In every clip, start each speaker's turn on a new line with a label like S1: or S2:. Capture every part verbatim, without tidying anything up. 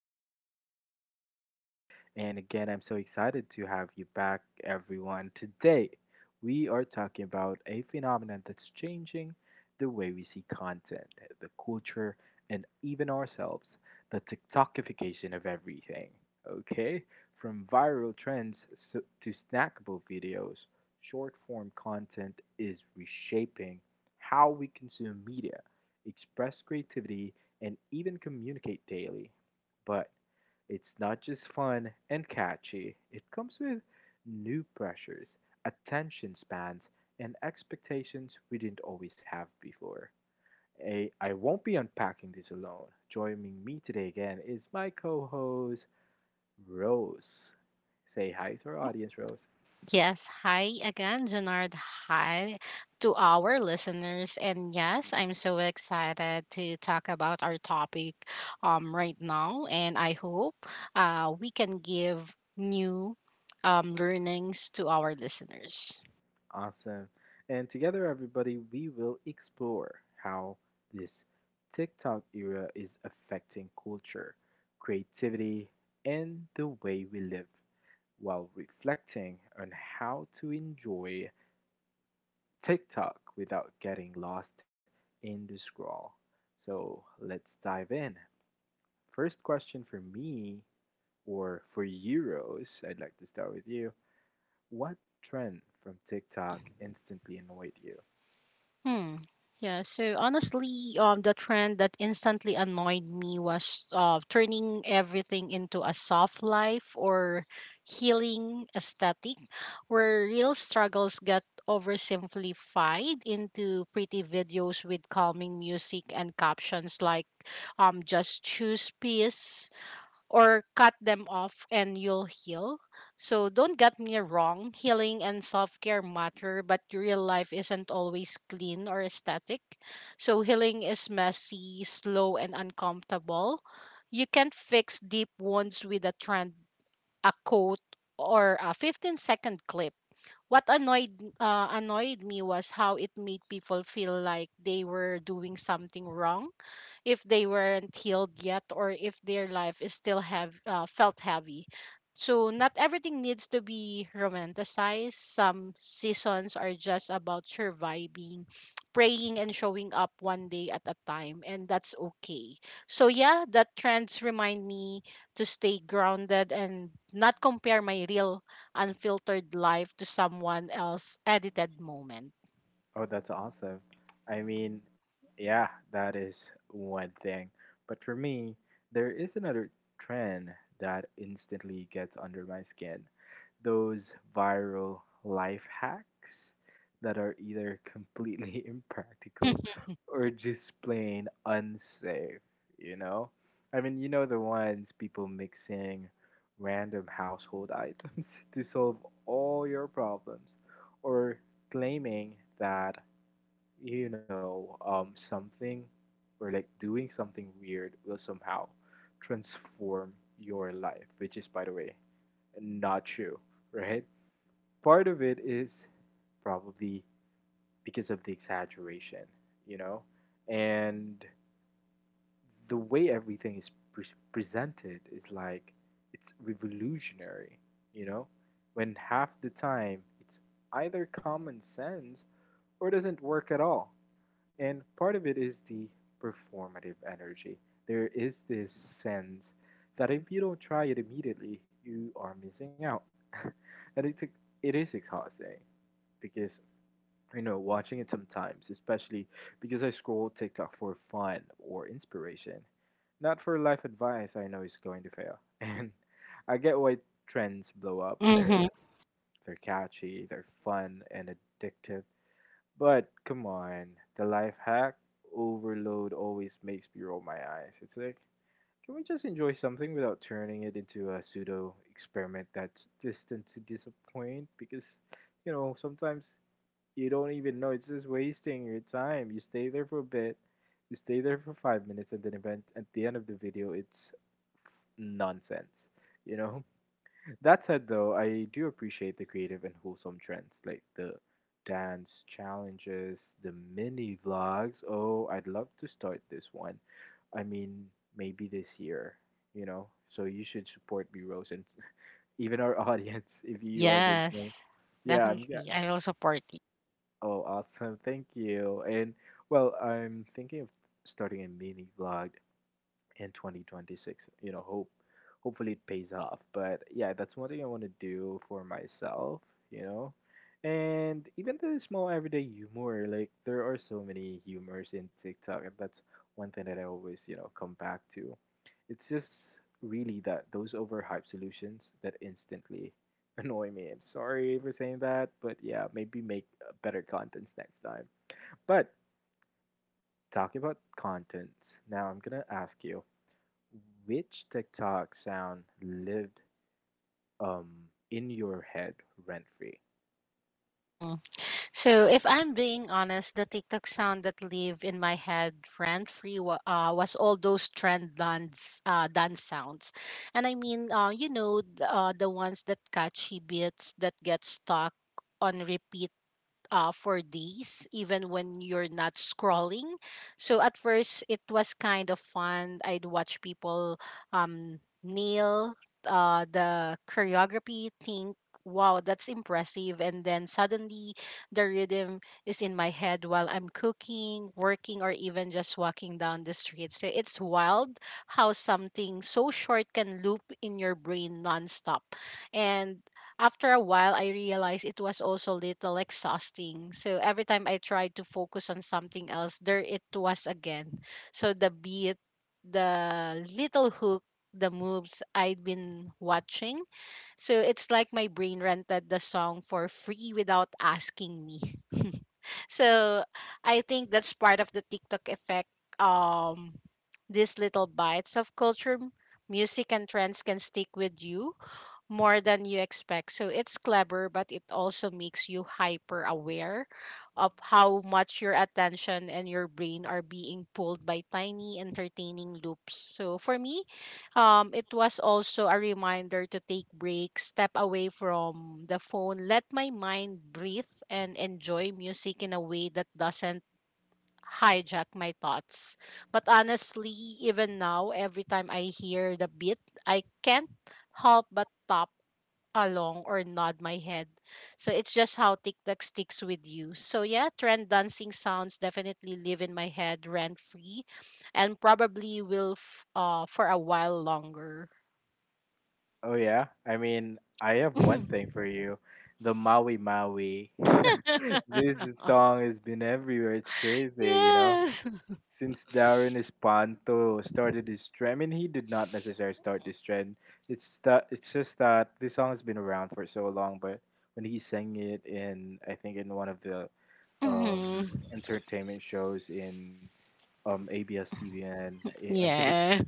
S1: This is me, Junard, and again, I'm so excited to have you back, everyone. Today, we are talking about a phenomenon that's changing the way we see content, the culture, and even ourselves the TikTokification of everything. Okay? From viral trends so- to snackable videos, short form content is reshaping how we consume media, express creativity, and even communicate daily. But it's not just fun and catchy, it comes with new pressures, attention spans, and expectations we didn't always have before. I I won't be unpacking this alone. Joining me today again is my co host, Rose. Say hi to our audience, Rose.
S2: Yes, hi again, Janard. Hi to our listeners. And yes, I'm so excited to talk about our topic um, right now. And I hope uh, we can give new um, learnings to our listeners.
S1: Awesome. And together, everybody, we will explore how this TikTok era is affecting culture, creativity, and the way we live while reflecting on how to enjoy TikTok without getting lost in the scroll. So let's dive in. First question for me, or for Euros? I'd like to start with you. What trend from TikTok instantly annoyed you?
S2: Hmm. Yeah, so honestly, um, the trend that instantly annoyed me was uh, turning everything into a soft life or healing aesthetic, where real struggles got oversimplified into pretty videos with calming music and captions like um, just choose peace or cut them off and you'll heal. So don't get me wrong, healing and self care matter, but real life isn't always clean or aesthetic. So healing is messy, slow, and uncomfortable. You can't fix deep wounds with a trend, a quote, or a fifteen second clip. What annoyed uh, annoyed me was how it made people feel like they were doing something wrong if they weren't healed yet or if their life is still have uh, felt heavy. So not everything needs to be romanticized. Some seasons are just about surviving, praying and showing up one day at a time, and that's okay. So yeah, that trends remind me to stay grounded and not compare my real unfiltered life to someone else's edited moment.
S1: Oh, that's awesome. I mean, yeah, that is one thing. But for me, there is another trend that instantly gets under my skin. Those viral life hacks that are either completely impractical or just plain unsafe, you know? I mean, you know the ones people mixing random household items to solve all your problems or claiming that you know um, something or like doing something weird will somehow transform your life, which is by the way not true, right? Part of it is probably because of the exaggeration, you know, and the way everything is pre- presented is like it's revolutionary, you know, when half the time it's either common sense or doesn't work at all. And part of it is the performative energy. There is this sense that if you don't try it immediately, you are missing out. And it's, it is exhausting because, you know, watching it sometimes, especially because I scroll TikTok for fun or inspiration, not for life advice I know it's going to fail. And I get why trends blow up.
S2: Mm-hmm.
S1: They're, they're catchy, they're fun and addictive, but come on, the life hack overload always makes me roll my eyes. It's like, can we just enjoy something without turning it into a pseudo experiment that's destined to disappoint? Because, you know, sometimes you don't even know. It's just wasting your time. You stay there for a bit, you stay there for five minutes, and then event at the end of the video, it's nonsense, you know? That said, though, I do appreciate the creative and wholesome trends like the dance challenges, the mini vlogs. Oh, I'd love to start this one. I mean, maybe this year, you know? So you should support B Rose and even our audience if you are listening.
S2: Yes,
S1: Yeah, I'm yeah.
S2: definitely. I will support you.
S1: Oh, awesome. Thank you. And well, I'm thinking of starting a mini vlog in twenty twenty-six, you know, hope hopefully it pays off, but yeah, that's one thing I want to do for myself, you know. And even the small everyday humor, like there are so many humors in TikTok, and that's one thing that I always, you know, come back to. It's just really that those overhyped solutions that instantly annoy me. I'm sorry for saying that, but yeah, maybe make uh, better contents next time. But talking about contents now, I'm gonna ask you, which TikTok sound lived um in your head rent free?
S2: Hmm. So, if I'm being honest, the TikTok sound that live in my head rent free wa- uh, was all those trend dance uh, dance sounds, and I mean, uh, you know, th- uh, the ones that catchy beats that get stuck on repeat uh, for days, even when you're not scrolling. So at first, it was kind of fun. I'd watch people um, nail uh, the choreography, think, wow, that's impressive. And then suddenly, the rhythm is in my head while I'm cooking, working, or even just walking down the street. So it's wild how something so short can loop in your brain nonstop. And after a while, I realized it was also a little exhausting. So every time I tried to focus on something else, there it was again. So the beat, the little hook, the moves I'd been watching. So it's like my brain rented the song for free without asking me. So I think that's part of the TikTok effect. Um, these little bites of culture, m- music, and trends can stick with you more than you expect. So it's clever, but it also makes you hyper aware of how much your attention and your brain are being pulled by tiny entertaining loops. So for me, um, it was also a reminder to take breaks, step away from the phone, let my mind breathe, and enjoy music in a way that doesn't hijack my thoughts. But honestly, even now, every time I hear the beat, I can't help but stop along or nod my head. So it's just how TikTok sticks with you. So yeah, trend dancing sounds definitely live in my head rent free and probably will f- uh for a while longer.
S1: Oh yeah, I mean I have one thing for you, the Maui Maui. This song has been everywhere. It's crazy, you know.
S2: Yes.
S1: Since Darren Espanto started his trend, I mean he did not necessarily start this trend. It's that it's just that this song has been around for so long, but when he sang it in I think in one of the um,
S2: Mhm.
S1: entertainment shows in um, ABS-C B N. I I think it's
S2: Yeah.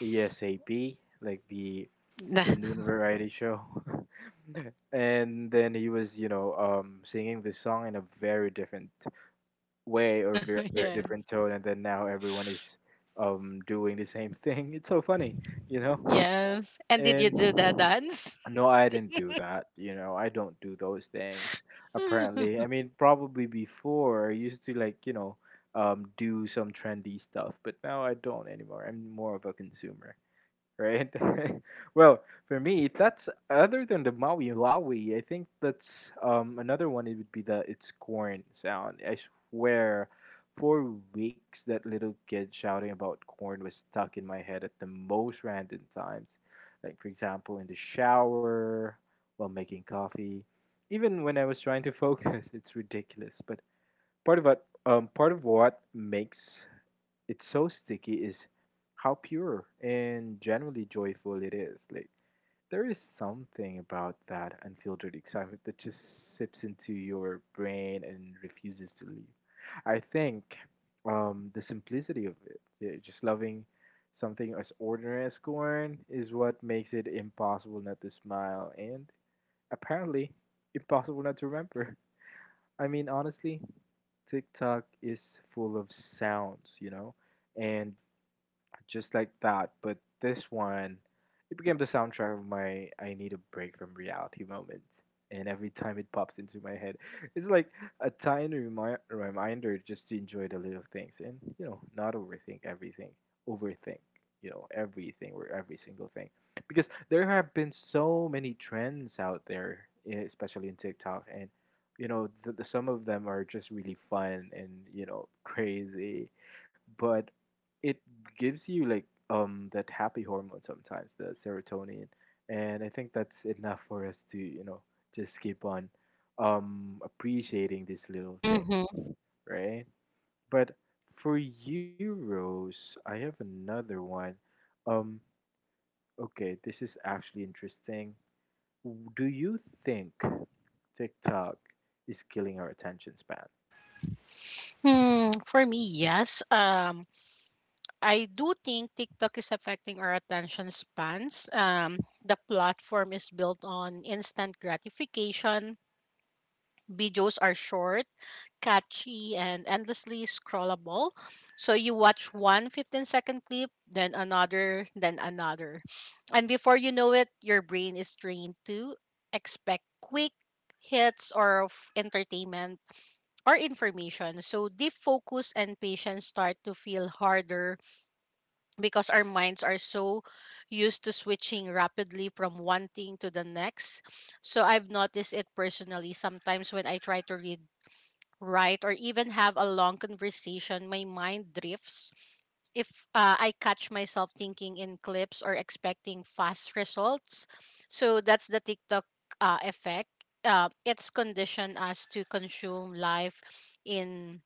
S1: ASAP, like the the noon variety show. And then he was, you know, um, singing the song in a very different way or very, very
S2: Yes.
S1: different tone. And then now everyone is um, doing the same thing. It's so funny, you know.
S2: Yes. And did you
S1: And
S2: do that dance?
S1: no, I didn't do that. You know, I don't do those things. Apparently, I mean, probably before I used to like you know, um, do some trendy stuff, but now I don't anymore. I'm more of a consumer, right? Well, for me, that's other than the Maui Lawi, I think that's um, another one. It would be the it's corn sound. I swear, for weeks that little kid shouting about corn was stuck in my head at the most random times, like for example in the shower, while making coffee, even when I was trying to focus. It's ridiculous, but part of what um, part of what makes it's so sticky is how pure and genuinely joyful it is. Like there is something about that unfiltered excitement that just sips into your brain and refuses to leave. I think um, the simplicity of it, yeah, just loving something as ordinary as corn, is what makes it impossible not to smile and apparently impossible not to remember. I mean, honestly, TikTok is full of sounds, you know, and just like that. But this one, it became the soundtrack of my I need a break from reality moments. And every time it pops into my head, it's like a tiny remi- reminder just to enjoy the little things and, you know, not overthink everything, overthink, you know, everything or every single thing. Because there have been so many trends out there, eh, especially in TikTok, and, you know, the, the, some of them are just really fun and, you know, crazy, but it gives you like um that happy hormone sometimes, the serotonin, and I think that's enough for us to you know just keep on um appreciating these little
S2: Mm-hmm.
S1: things, right? But for you, Rose, I have another one. Um, okay, this is actually interesting. W- Do you think TikTok is killing our attention span?
S2: Hmm, for me, yes. Um, I do think TikTok is affecting our attention spans. Um, the platform is built on instant gratification. Videos are short, catchy, and endlessly scrollable. So you watch one fifteen second clip, then another, then another. And before you know it, your brain is trained to expect quick hits or of entertainment or information. So deep focus and patience start to feel harder because our minds are so used to switching rapidly from one thing to the next. So I've noticed it personally sometimes when I try to read, write, or even have a long conversation, my mind drifts. If uh, I catch myself thinking in clips or expecting fast results, so that's the TikTok uh, effect. Uh, it's conditioned us to consume life in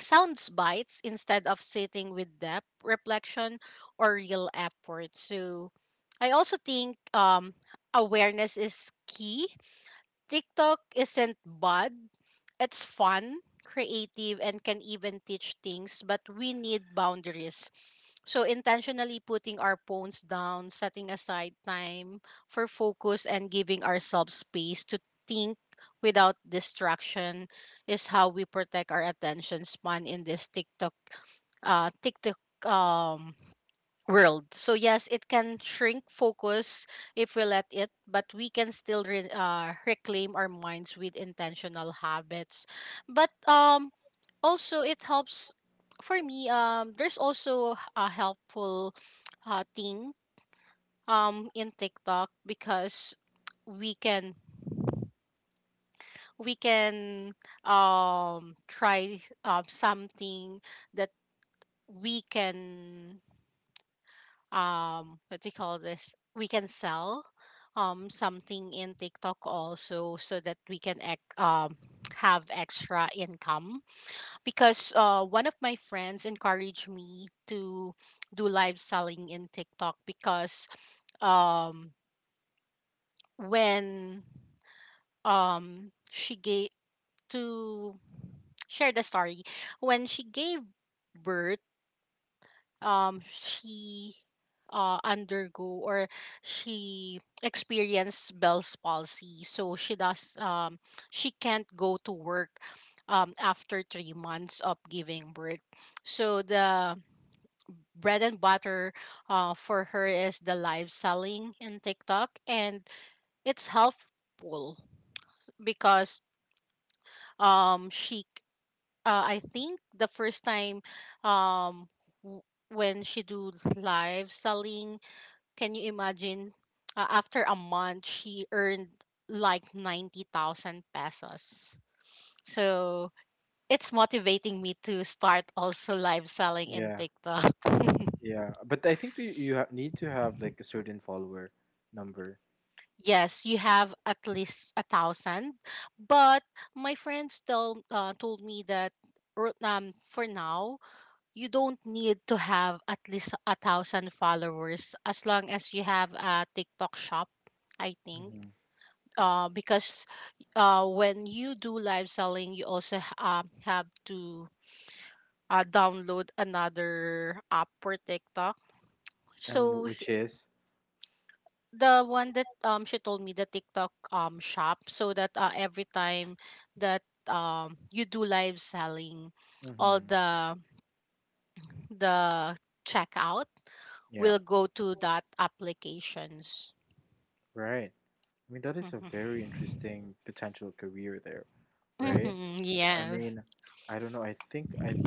S2: sounds bites instead of sitting with depth, reflection, or real effort. So I also think um, awareness is key. TikTok isn't bad. It's fun, creative, and can even teach things, but we need boundaries. So, intentionally putting our phones down, setting aside time for focus, and giving ourselves space to think without distraction is how we protect our attention span in this TikTok, uh, TikTok um, world. So yes, it can shrink focus if we let it, but we can still re- uh, reclaim our minds with intentional habits. But um also it helps for me, um there's also a helpful uh thing um in TikTok, because we can we can um try um something that we can um what do you call this, we can sell um something in TikTok also, so that we can ec- um have extra income, because uh one of my friends encouraged me to do live selling in TikTok. Because um when um she gave to share the story, when she gave birth, um she uh undergo or she experienced Bell's palsy, so she does um she can't go to work um after three months of giving birth. So the bread and butter uh for her is the live selling in TikTok, and it's helpful because um she uh, I think the first time, um w- when she do live selling, can you imagine? Uh, after a month, she earned like ninety thousand pesos. So it's motivating me to start also live selling in
S1: Yeah,
S2: TikTok.
S1: yeah, but I think you you ha- need to have like a certain follower number.
S2: Yes, you have at least a thousand, but my friends tell uh, told me that r- um for now you don't need to have at least a thousand followers as long as you have a TikTok shop. I think uh, because uh, when you do live selling, you also h- um, have to uh, download another app for TikTok.
S1: And
S2: So
S1: which
S2: sh-
S1: is,
S2: the one that um, she told me, the TikTok um, shop, so that uh, every time that um, you do live selling, all
S1: hmm
S2: the the checkout
S1: yeah,
S2: will go to that applications.
S1: right. I mean, that is a very
S2: Mhm.
S1: interesting potential career there, right? I
S2: Yes.
S1: mean, I don't know. I think I.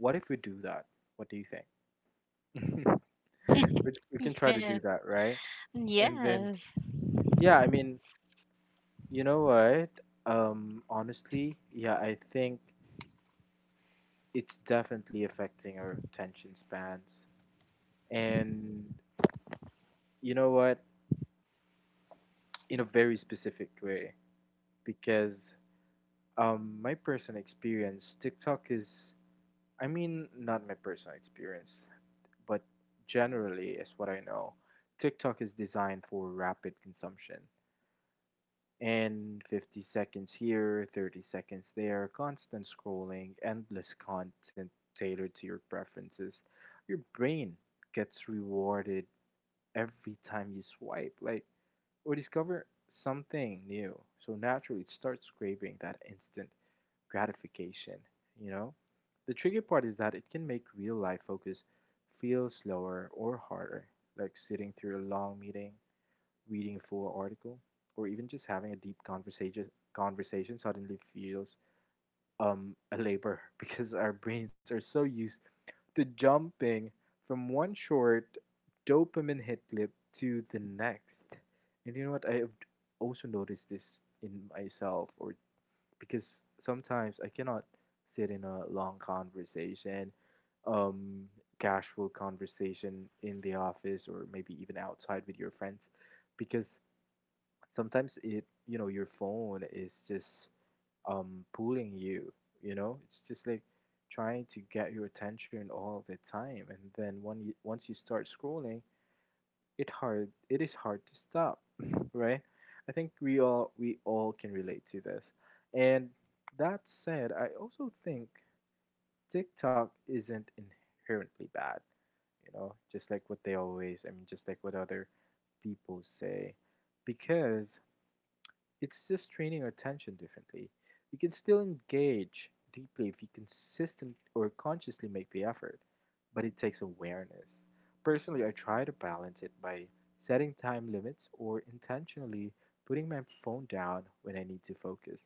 S1: What if we do that? What do you think? we, we can try to do
S2: Yes.
S1: that, right? And then,
S2: Yes.
S1: yeah, I mean, you know what? Um, honestly, yeah, I think it's definitely affecting our attention spans. And you know what? In a very specific way, because Um, my personal experience, TikTok is, I mean, not my personal experience, but generally is what I know. TikTok is designed for rapid consumption and fifty seconds here, thirty seconds there, constant scrolling, endless content tailored to your preferences. Your brain gets rewarded every time you swipe, like, or discover something new. So naturally, it starts craving that instant gratification, you know? The tricky part is that it can make real life focus feel slower or harder, like sitting through a long meeting, reading a full article, or even just having a deep conversation conversation suddenly feels um a labor because our brains are so used to jumping from one short dopamine hit clip to the next. And you know what? I have also noticed this in myself or because sometimes I cannot sit in a long conversation, um, casual conversation in the office or maybe even outside with your friends, because sometimes it, you know, your phone is just um pulling you, you know, it's just like trying to get your attention all the time, and then when you, once you start scrolling, it hard it is hard to stop. Right? I think we all we all can relate to this. And that said, I also think TikTok isn't inherently bad, you know, just like what they always I mean just like what other people say, because it's just training our attention differently. We can still engage deeply if we consistently or consciously make the effort, but it takes awareness. Personally, I try to balance it by setting time limits or intentionally putting my phone down when I need to focus.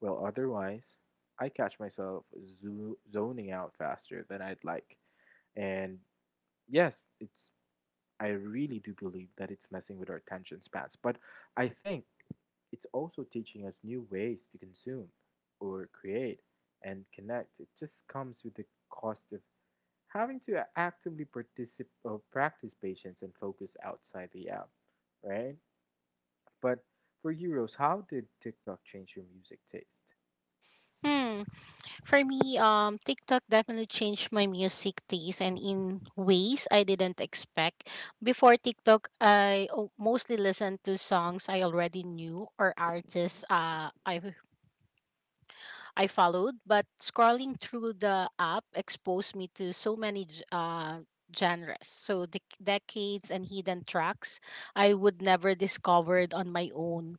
S1: Well, otherwise, I catch myself zo- zoning out faster than I'd like. And yes, it's I really do believe that it's messing with our attention spans. But I think it's also teaching us new ways to consume or create and connect. It just comes with the cost of having to actively participate or practice patience and focus outside the app, right? But for you, Rose, how did TikTok change your music taste?
S2: Hmm. For me, um, TikTok definitely changed my music taste and in ways I didn't expect. Before TikTok, I o- mostly listened to songs I already knew or artists uh, I I followed, but scrolling through the app exposed me to so many g- uh, genres, so dec decades and hidden tracks I would never discovered on my own.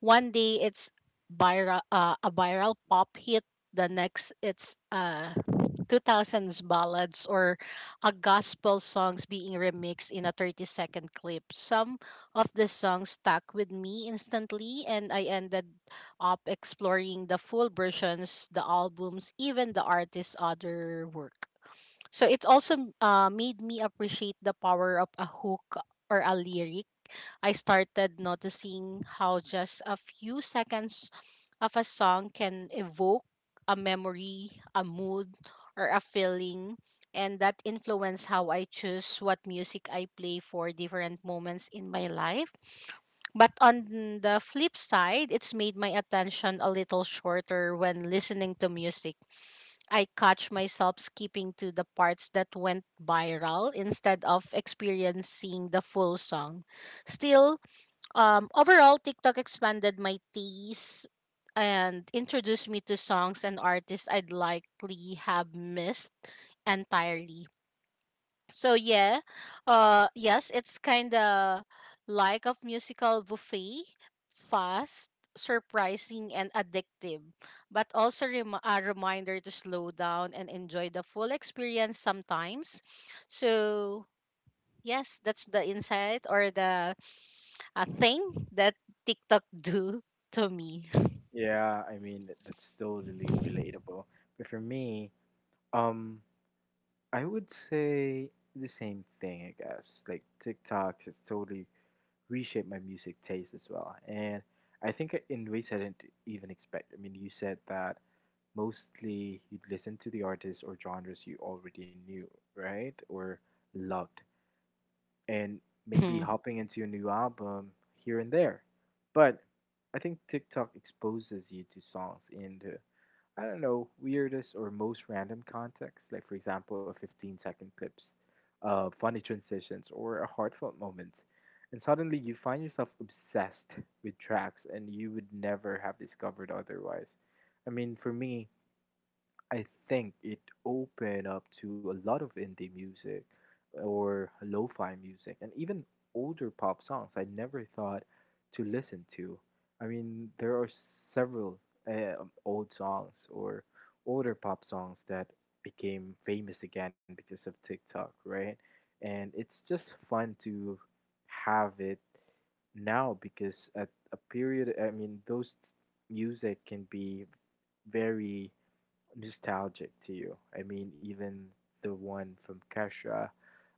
S2: One day it's viral, uh, a viral pop hit. The next it's uh, two thousands ballads or a gospel songs being remixed in a thirty second clip. Some of the songs stuck with me instantly and I ended up exploring the full versions, the albums, even the artist's other work. So it also uh, made me appreciate the power of a hook or a lyric. I started noticing how just a few seconds of a song can evoke a memory, a mood, or a feeling, and that influence how I choose what music I play for different moments in my life. But on the flip side, it's made my attention a little shorter when listening to music. I catch myself skipping to the parts that went viral instead of experiencing the full song. Still, um, overall, TikTok expanded my taste and introduced me to songs and artists I'd likely have missed entirely. So yeah, uh, yes, it's kind of like a musical buffet, fast, surprising, and addictive, but also rem- a reminder to slow down and enjoy the full experience sometimes. So yes, that's the insight or the a thing that TikTok do to me.
S1: Yeah, I mean that's totally relatable. But for me, um, I would say the same thing, I guess. Like TikTok has totally reshaped my music taste as well. And I think in ways I didn't even expect. I mean, you said that mostly you'd listen to the artists or genres you already knew, right? Or loved. And maybe
S2: Mm-hmm.
S1: hopping into a new album here and there. But I think TikTok exposes you to songs in the I don't know, weirdest or most random context, like for example, a fifteen second clips, uh, funny transitions, or a heartfelt moment. And suddenly you find yourself obsessed with tracks and you would never have discovered otherwise. I mean, for me, I think it opened up to a lot of indie music or lo-fi music and even older pop songs I never thought to listen to. I mean, there are several uh, old songs or older pop songs that became famous again because of TikTok, right? And it's just fun to have it now because at a period, I mean, those music can be very nostalgic to you. I mean, even the one from Kesha,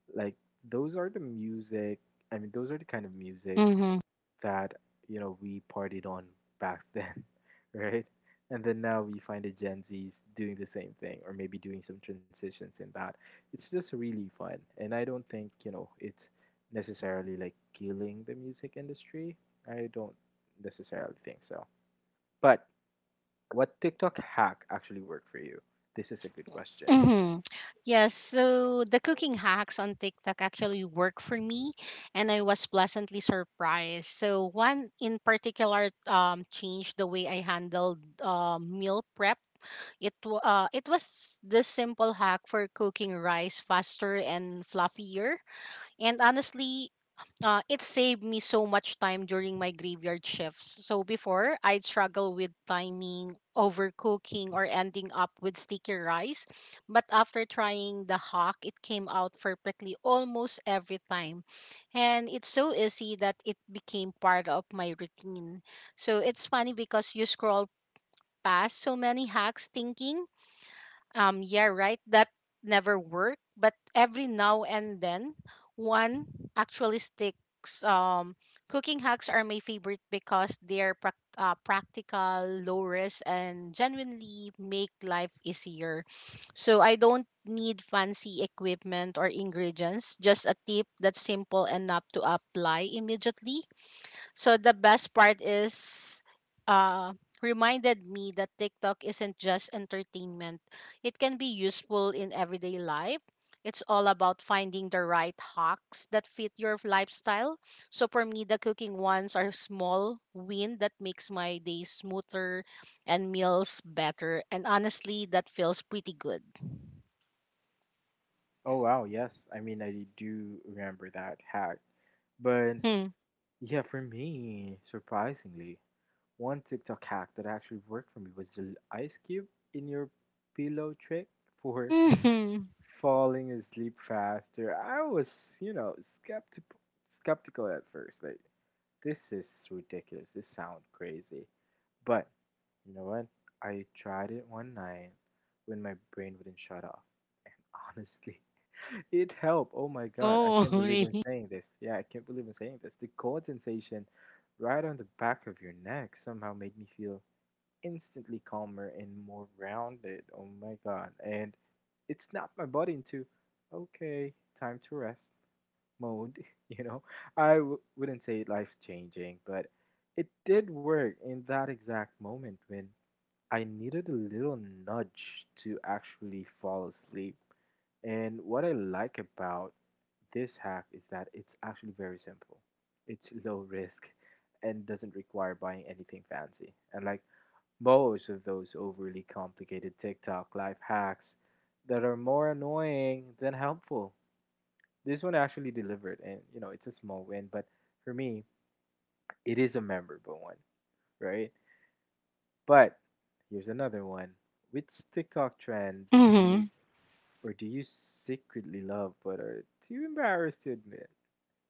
S1: like those are the music. I mean, those are the kind of music
S2: Mm-hmm.
S1: that you know we partied on back then, right? And then now we find the Gen Zs doing the same thing, or maybe doing some transitions in that. It's just really fun, and I don't think you know it's necessarily like killing the music industry. I don't necessarily think so. But what TikTok hack actually worked for you? This is a good question.
S2: Mm-hmm. Yes, so the cooking hacks on TikTok actually work for me, and I was pleasantly surprised. So one in particular um, changed the way I handled uh, meal prep. It wa- uh, it was this simple hack for cooking rice faster and fluffier. And honestly, uh, it saved me so much time during my graveyard shifts. So before, I'd struggle with timing, overcooking, or ending up with sticky rice. But after trying the hack, it came out perfectly almost every time. And it's so easy that it became part of my routine. So it's funny because you scroll past so many hacks thinking um, yeah, right. That never worked, but every now and then one actually sticks. Um, Cooking hacks are my favorite because they're prac uh, practical, low risk, and genuinely make life easier. So I don't need fancy equipment or ingredients, just a tip that's simple enough to apply immediately. So the best part is uh reminded me that TikTok isn't just entertainment. It can be useful in everyday life. It's all about finding the right hacks that fit your lifestyle. So for me the cooking ones are small win that makes my day smoother and meals better. And honestly that feels pretty good.
S1: Oh wow, yes. I mean, I do remember that hack. But
S2: Mm-hmm.
S1: yeah, for me, surprisingly, one TikTok hack that actually worked for me was the ice cube in your pillow trick for
S2: Mm-hmm.
S1: falling asleep faster. I was, you know, skeptical skeptical at first. Like this is ridiculous. This sounds crazy. But you know what? I tried it one night when my brain wouldn't shut off. And honestly, it helped. Oh my god, I
S2: Oh,
S1: can't believe I'm
S2: really?
S1: saying this. Yeah, I can't believe I'm saying this. The cold sensation right on the back of your neck somehow made me feel instantly calmer and more rounded. Oh my god. And it snapped my body into okay, time to rest mode, you know, I w- wouldn't say life changing, but it did work in that exact moment when I needed a little nudge to actually fall asleep. And what I like about this hack is that it's actually very simple, it's low risk and doesn't require buying anything fancy. And like most of those overly complicated TikTok life hacks that are more annoying than helpful, this one actually delivered, and you know it's a small win, but for me it is a memorable one, right? But here's another one. Which TikTok trend did you
S2: Mm-hmm.
S1: or do you secretly love but are too embarrassed to admit?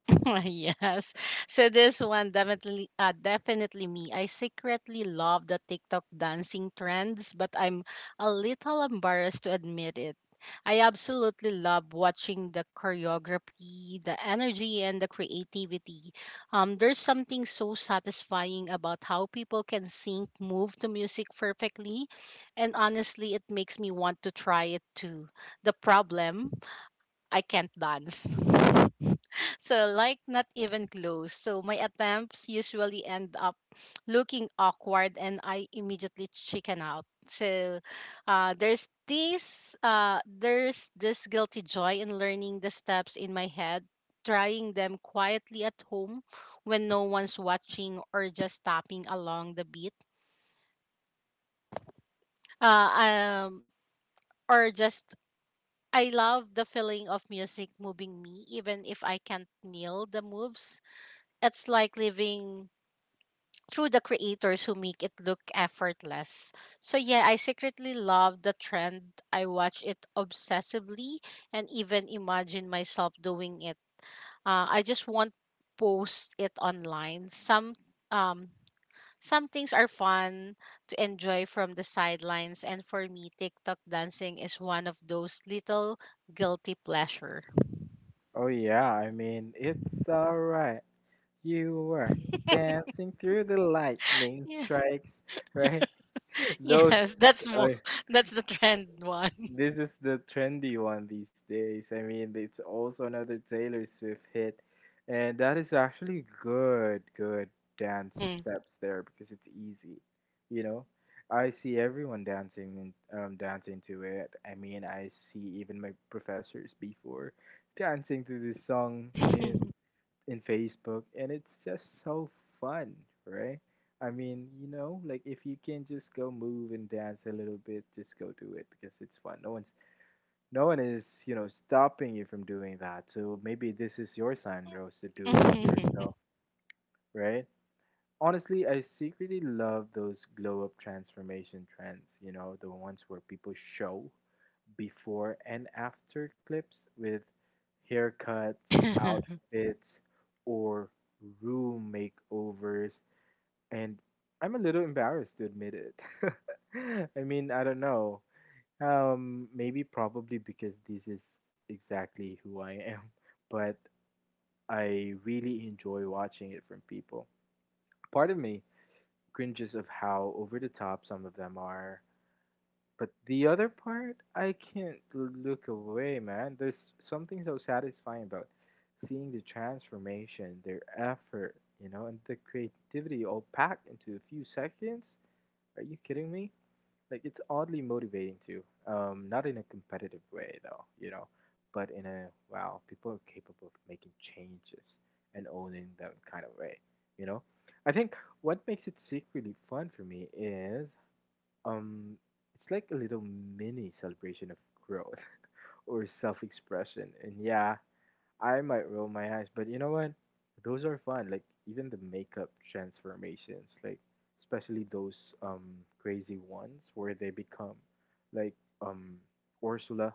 S2: Yes. So this one definitely uh, definitely me. I secretly love the TikTok dancing trends, but I'm a little embarrassed to admit it. I absolutely love watching the choreography, the energy and the creativity. Um there's something so satisfying about how people can sync move to music perfectly, and honestly it makes me want to try it too. The problem, I can't dance. So like not even close. So my attempts usually end up looking awkward and I immediately chicken out. So uh, there's this uh, there's this guilty joy in learning the steps in my head, trying them quietly at home when no one's watching or just tapping along the beat. Uh, um, or just I love the feeling of music moving me, even if I can't nail the moves. It's like living through the creators who make it look effortless. So, yeah, I secretly love the trend. I watch it obsessively and even imagine myself doing it. Uh, I just want post it online. Some um some things are fun to enjoy from the sidelines and for me TikTok dancing is one of those little guilty pleasures.
S1: Oh yeah, I mean it's alright. You were dancing through the lightning
S2: Yeah.
S1: strikes, right?
S2: Yes,
S1: Those.
S2: that's more
S1: uh,
S2: that's the trend one.
S1: This is the trendy one these days. I mean, it's also another Taylor Swift hit, and that is actually good, good dance
S2: Mhm.
S1: steps there because it's easy. You know, I see everyone dancing in, um, dancing to it. I mean, I see even my professors before dancing to this song in in Facebook, and it's just so fun, right? I mean, you know, like if you can just go move and dance a little bit, just go do it because it's fun. No one's no one is, you know, stopping you from doing that. So maybe this is your sign, Rose, to do it
S2: Mhm.
S1: yourself, right? Honestly, I secretly love those glow up transformation trends, you know, the ones where people show before and after clips with haircuts, outfits, or room makeovers. And I'm a little embarrassed to admit it. I mean, I don't know. Um, maybe probably because this is exactly who I am, but I really enjoy watching it from people. Part of me cringes of how over the top some of them are. But the other part, I can't look away, man. There's something so satisfying about seeing the transformation, their effort, you know, and the creativity all packed into a few seconds. Are you kidding me? Like, it's oddly motivating too. Um, not in a competitive way, though, you know, but in a wow, people are capable of making changes and owning them kind of way, you know? I think what makes it secretly fun for me is um, it's like a little mini celebration of growth or self expression. And yeah, I might roll my eyes, but you know what? Those are fun. Like, even the makeup transformations, like, especially those um, crazy ones where they become like um, Ursula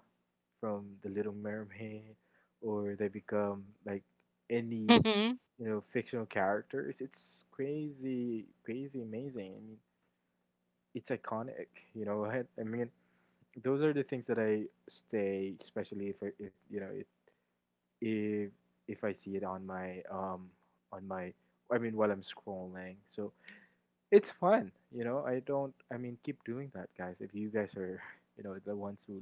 S1: from The Little Mermaid, or they become like any
S2: Mhm.
S1: you know fictional characters. It's crazy, crazy amazing. I mean, it's iconic. You know, I, I mean, those are the things that I stay, especially if I, if you know, if, if if I see it on my um on my, I mean, while I'm scrolling. So it's fun. You know, I don't. I mean, keep doing that, guys. If you guys are, you know, the ones who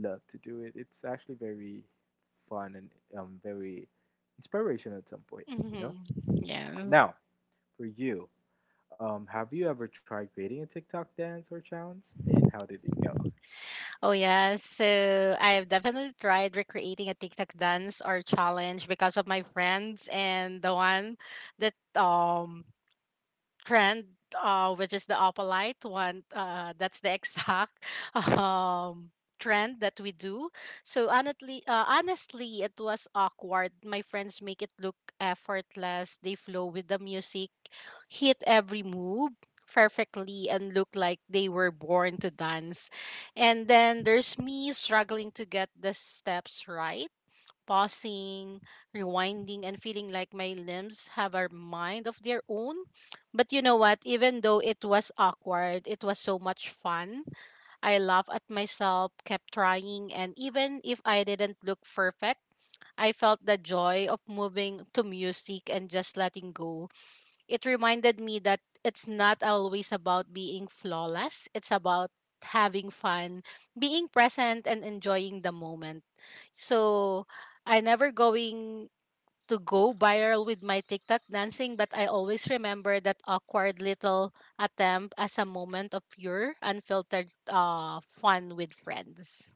S1: love to do it, it's actually very fun and um very inspirational at some point. You know.
S2: Hmm. Yeah.
S1: Now for you, um, have you ever tried creating a TikTok dance or challenge, and how did it go?
S2: Oh yeah. So I've definitely tried recreating a TikTok dance or challenge because of my friends and the one that um trend, uh, which is the opalite one. Uh, that's the exact um, trend that we do. So honestly, uh, honestly, it was awkward. My friends make it look effortless. They flow with the music, hit every move perfectly, and look like they were born to dance. And then there's me struggling to get the steps right, pausing, rewinding, and feeling like my limbs have a mind of their own. But you know what? Even though it was awkward, it was so much fun. I laughed at myself, kept trying, and even if I didn't look perfect, I felt the joy of moving to music and just letting go. It reminded me that it's not always about being flawless, it's about having fun, being present, and enjoying the moment. So I never going to go viral with my TikTok dancing, but I always remember that awkward little attempt as a moment of pure, unfiltered uh, fun with friends.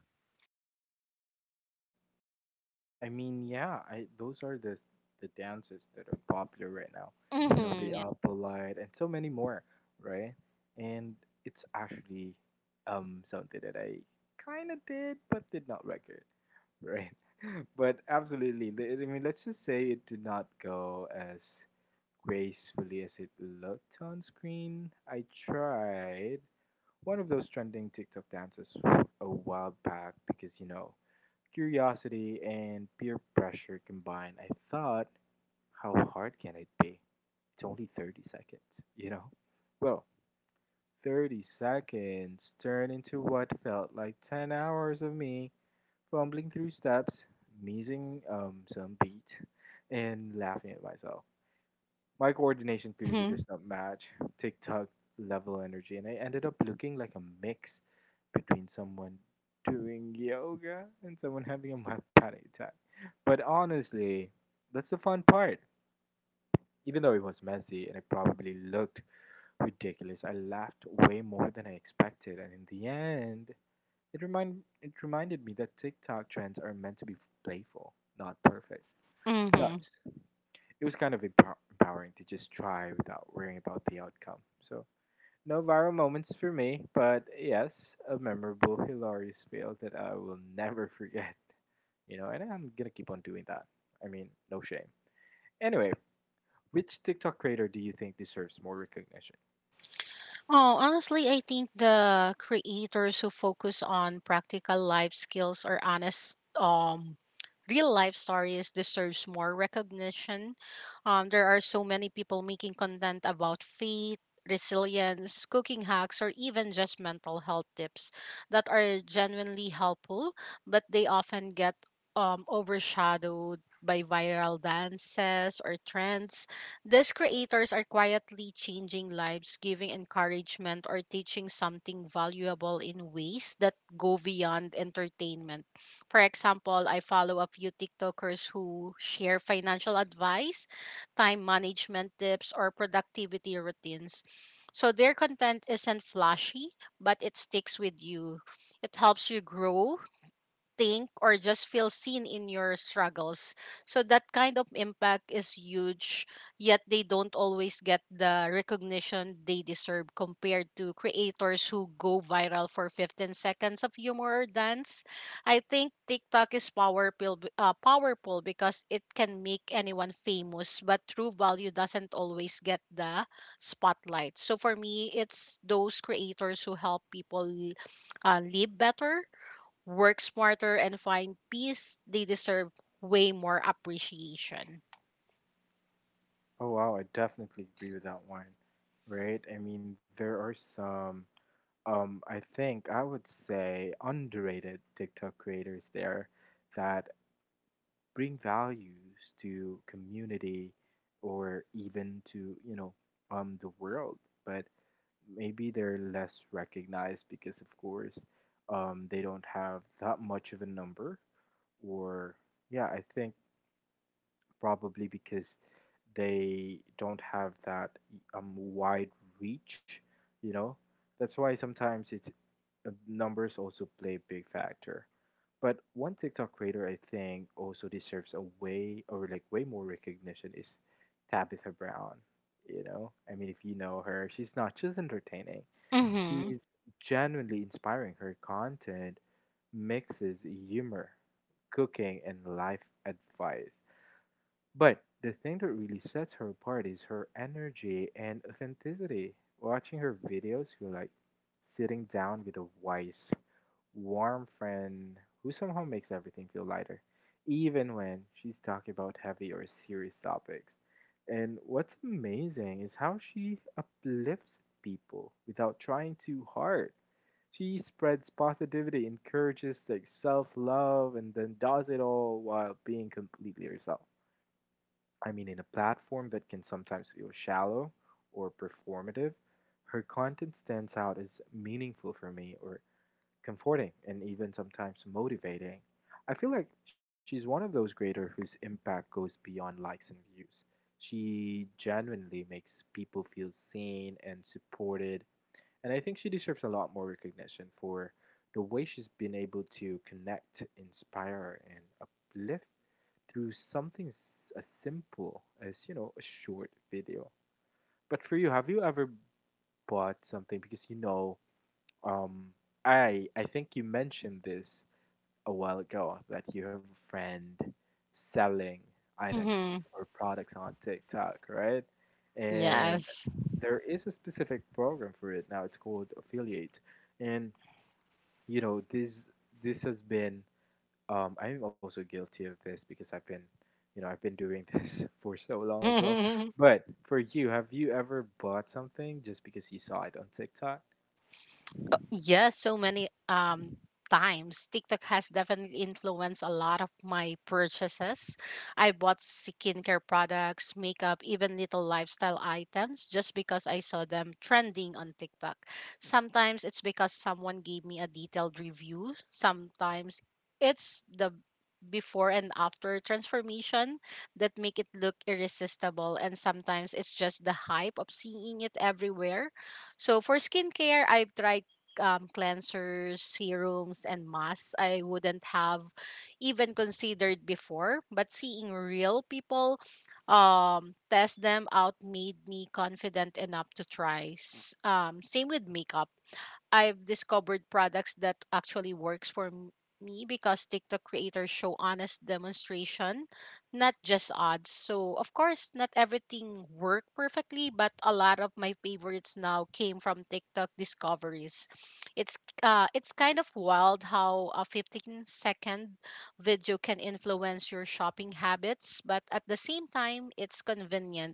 S1: I mean, yeah, I those are the the dances that are popular right now. You know, the
S2: Mm-hmm.
S1: Alpalite and so many more, right? And it's actually um something that I kind of did but did not record, right? But absolutely, the- I mean, let's just say it did not go as gracefully as it looked on screen. I tried one of those trending TikTok dances a while back because you know curiosity and peer pressure combined, I thought, how hard can it be? It's only thirty seconds, you know? Well, thirty seconds turned into what felt like ten hours of me fumbling through steps, missing um, some beat, and laughing at myself. My coordination clearly
S2: Mm-hmm.
S1: does not match TikTok level energy, and I ended up looking like a mix between someone doing yoga and someone having a mild panic attack. But honestly, that's the fun part. Even though it was messy and it probably looked ridiculous, I laughed way more than I expected, and in the end, it remind it reminded me that TikTok trends are meant to be playful, not perfect.
S2: Mm-hmm.
S1: Plus, it was kind of empow- empowering to just try without worrying about the outcome. So, no viral moments for me, but yes, a memorable, hilarious fail that I will never forget. You know, and I'm gonna keep on doing that. I mean, no shame. Anyway, which TikTok creator do you think deserves more recognition?
S2: Oh, honestly, I think the creators who focus on practical life skills or honest um real life stories deserves more recognition. Um, there are so many people making content about faith, resilience, cooking hacks, or even just mental health tips that are genuinely helpful, but they often get um overshadowed by viral dances or trends. These creators are quietly changing lives, giving encouragement, or teaching something valuable in ways that go beyond entertainment. For example, I follow a few TikTokers who share financial advice, time management tips, or productivity routines. So their content isn't flashy, but it sticks with you. It helps you grow, think, or just feel seen in your struggles. So that kind of impact is huge, yet they don't always get the recognition they deserve compared to creators who go viral for fifteen seconds of humor or dance. I think TikTok is powerful, b- uh, powerful because it can make anyone famous, but true value doesn't always get the spotlight. So for me, it's those creators who help people uh, live better, work smarter, and find peace, they deserve way more appreciation.
S1: Oh wow, I definitely agree with that one. Right? I mean, there are some um I think I would say underrated TikTok creators there that bring values to community or even to you know um the world, but maybe they're less recognized because of course um they don't have that much of a number or yeah I think probably because they don't have that um wide reach, you know, that's why sometimes it's uh, numbers also play a big factor. But one TikTok creator I think also deserves a way or like way more recognition is Tabitha Brown. You know, I mean, if you know her, she's not just entertaining,
S2: Mm-hmm.
S1: she's genuinely inspiring. Her content mixes humor, cooking, and life advice. But the thing that really sets her apart is her energy and authenticity. Watching her videos, you're like sitting down with a wise warm friend who somehow makes everything feel lighter, even when she's talking about heavy or serious topics. And what's amazing is how she uplifts people without trying too hard. She spreads positivity, encourages like self love, and then does it all while being completely herself. I mean, in a platform that can sometimes feel shallow or performative, her content stands out as meaningful for me or comforting, and even sometimes motivating. I feel like she's one of those creators whose impact goes beyond likes and views. She genuinely makes people feel seen and supported, and I think she deserves a lot more recognition for the way she's been able to connect, inspire, and uplift through something as simple as, you know, a short video. But for you, have you ever bought something because you know, um, I I think you mentioned this a while ago that you have a friend selling
S2: Mm-hmm.
S1: items or products on TikTok, right? And
S2: Yes.
S1: there is a specific program for it now. It's called affiliate, and you know this this has been. Um, I'm also guilty of this because I've been, you know, I've been doing this for so long as well. But for you, have you ever bought something just because you saw it on TikTok?
S2: Yes, so many um times. TikTok has definitely influenced a lot of my purchases. I bought skincare products, makeup, even little lifestyle items just because I saw them trending on TikTok. Sometimes it's because someone gave me a detailed review. Sometimes it's the before and after transformation that make it look irresistible, and sometimes it's just the hype of seeing it everywhere. So for skincare, I've tried um, cleansers, serums, and masks I wouldn't have even considered before. But seeing real people um, test them out made me confident enough to try. S- Um, same with makeup. I've discovered products that actually works for m- me because TikTok creators show honest demonstration, not just ads. So, of course, not everything worked perfectly, but a lot of my favorites now came from TikTok discoveries. It's uh it's kind of wild how a fifteen second video can influence your shopping habits, but at the same time, it's convenient.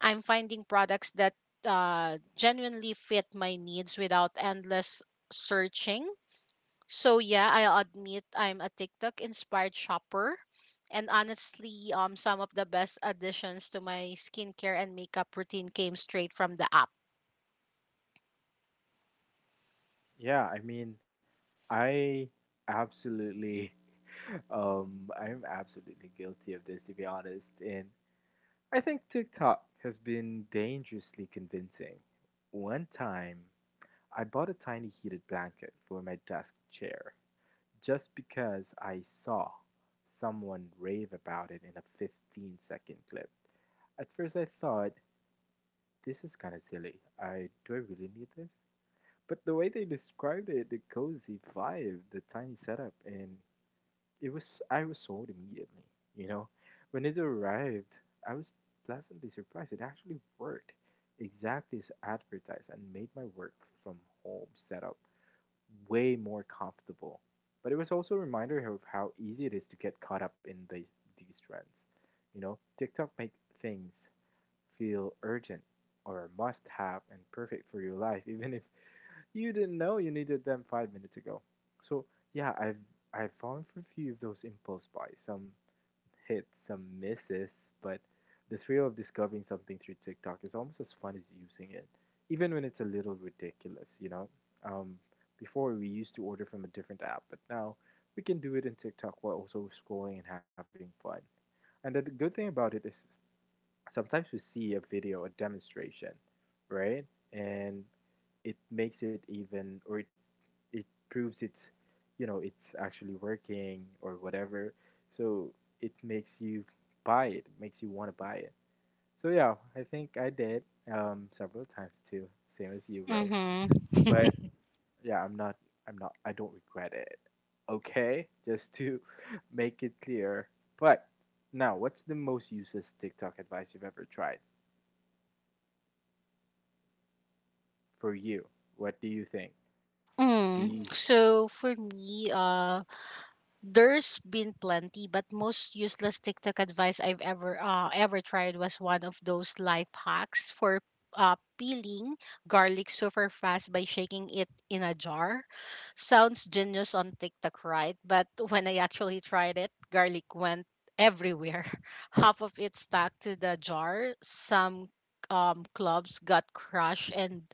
S2: I'm finding products that uh, genuinely fit my needs without endless searching. So yeah, I'll admit I'm a TikTok inspired shopper. And honestly, um, some of the best additions to my skincare and makeup routine came straight from the app.
S1: Yeah, I mean, I absolutely Um, I am absolutely guilty of this, to be honest. And I think TikTok has been dangerously convincing. One time, I bought a tiny heated blanket for my desk chair just because I saw someone rave about it in a fifteen second clip. At first, I thought, this is kind of silly. I do I really need this? But the way they described it, the cozy vibe, the tiny setup, and It was I was sold immediately, you know. When it arrived, I was pleasantly surprised. It actually worked exactly as advertised and made my work from home setup way more comfortable. But it was also a reminder of how easy it is to get caught up in the, these trends. You know, TikTok makes things feel urgent or must have and perfect for your life, even if you didn't know you needed them five minutes ago. So yeah, I've I've fallen for a few of those impulse buys, some hits, some misses, but the thrill of discovering something through TikTok is almost as fun as using it, even when it's a little ridiculous, you know. Um, Before we used to order from a different app, but now we can do it in TikTok while also scrolling and having fun. And the good thing about it is sometimes we see a video, a demonstration, right? And it makes it even or it it proves it's you know it's actually working or whatever, so it makes you buy it makes you want to buy it. So yeah, I think I did, um several times too, same as you, Rose.
S2: Mm-hmm.
S1: But yeah, i'm not i'm not I don't regret it, okay, just to make it clear. But now, what's the most useless TikTok advice you've ever tried? For you, what do you think?
S2: Mm.
S1: The
S2: So for me, uh, there's been plenty, but most useless TikTok advice I've ever uh, ever tried was one of those life hacks for uh, peeling garlic super fast by shaking it in a jar. Sounds genius on TikTok, right? But when I actually tried it, garlic went everywhere. Half of it stuck to the jar. Some um, clubs got crushed, and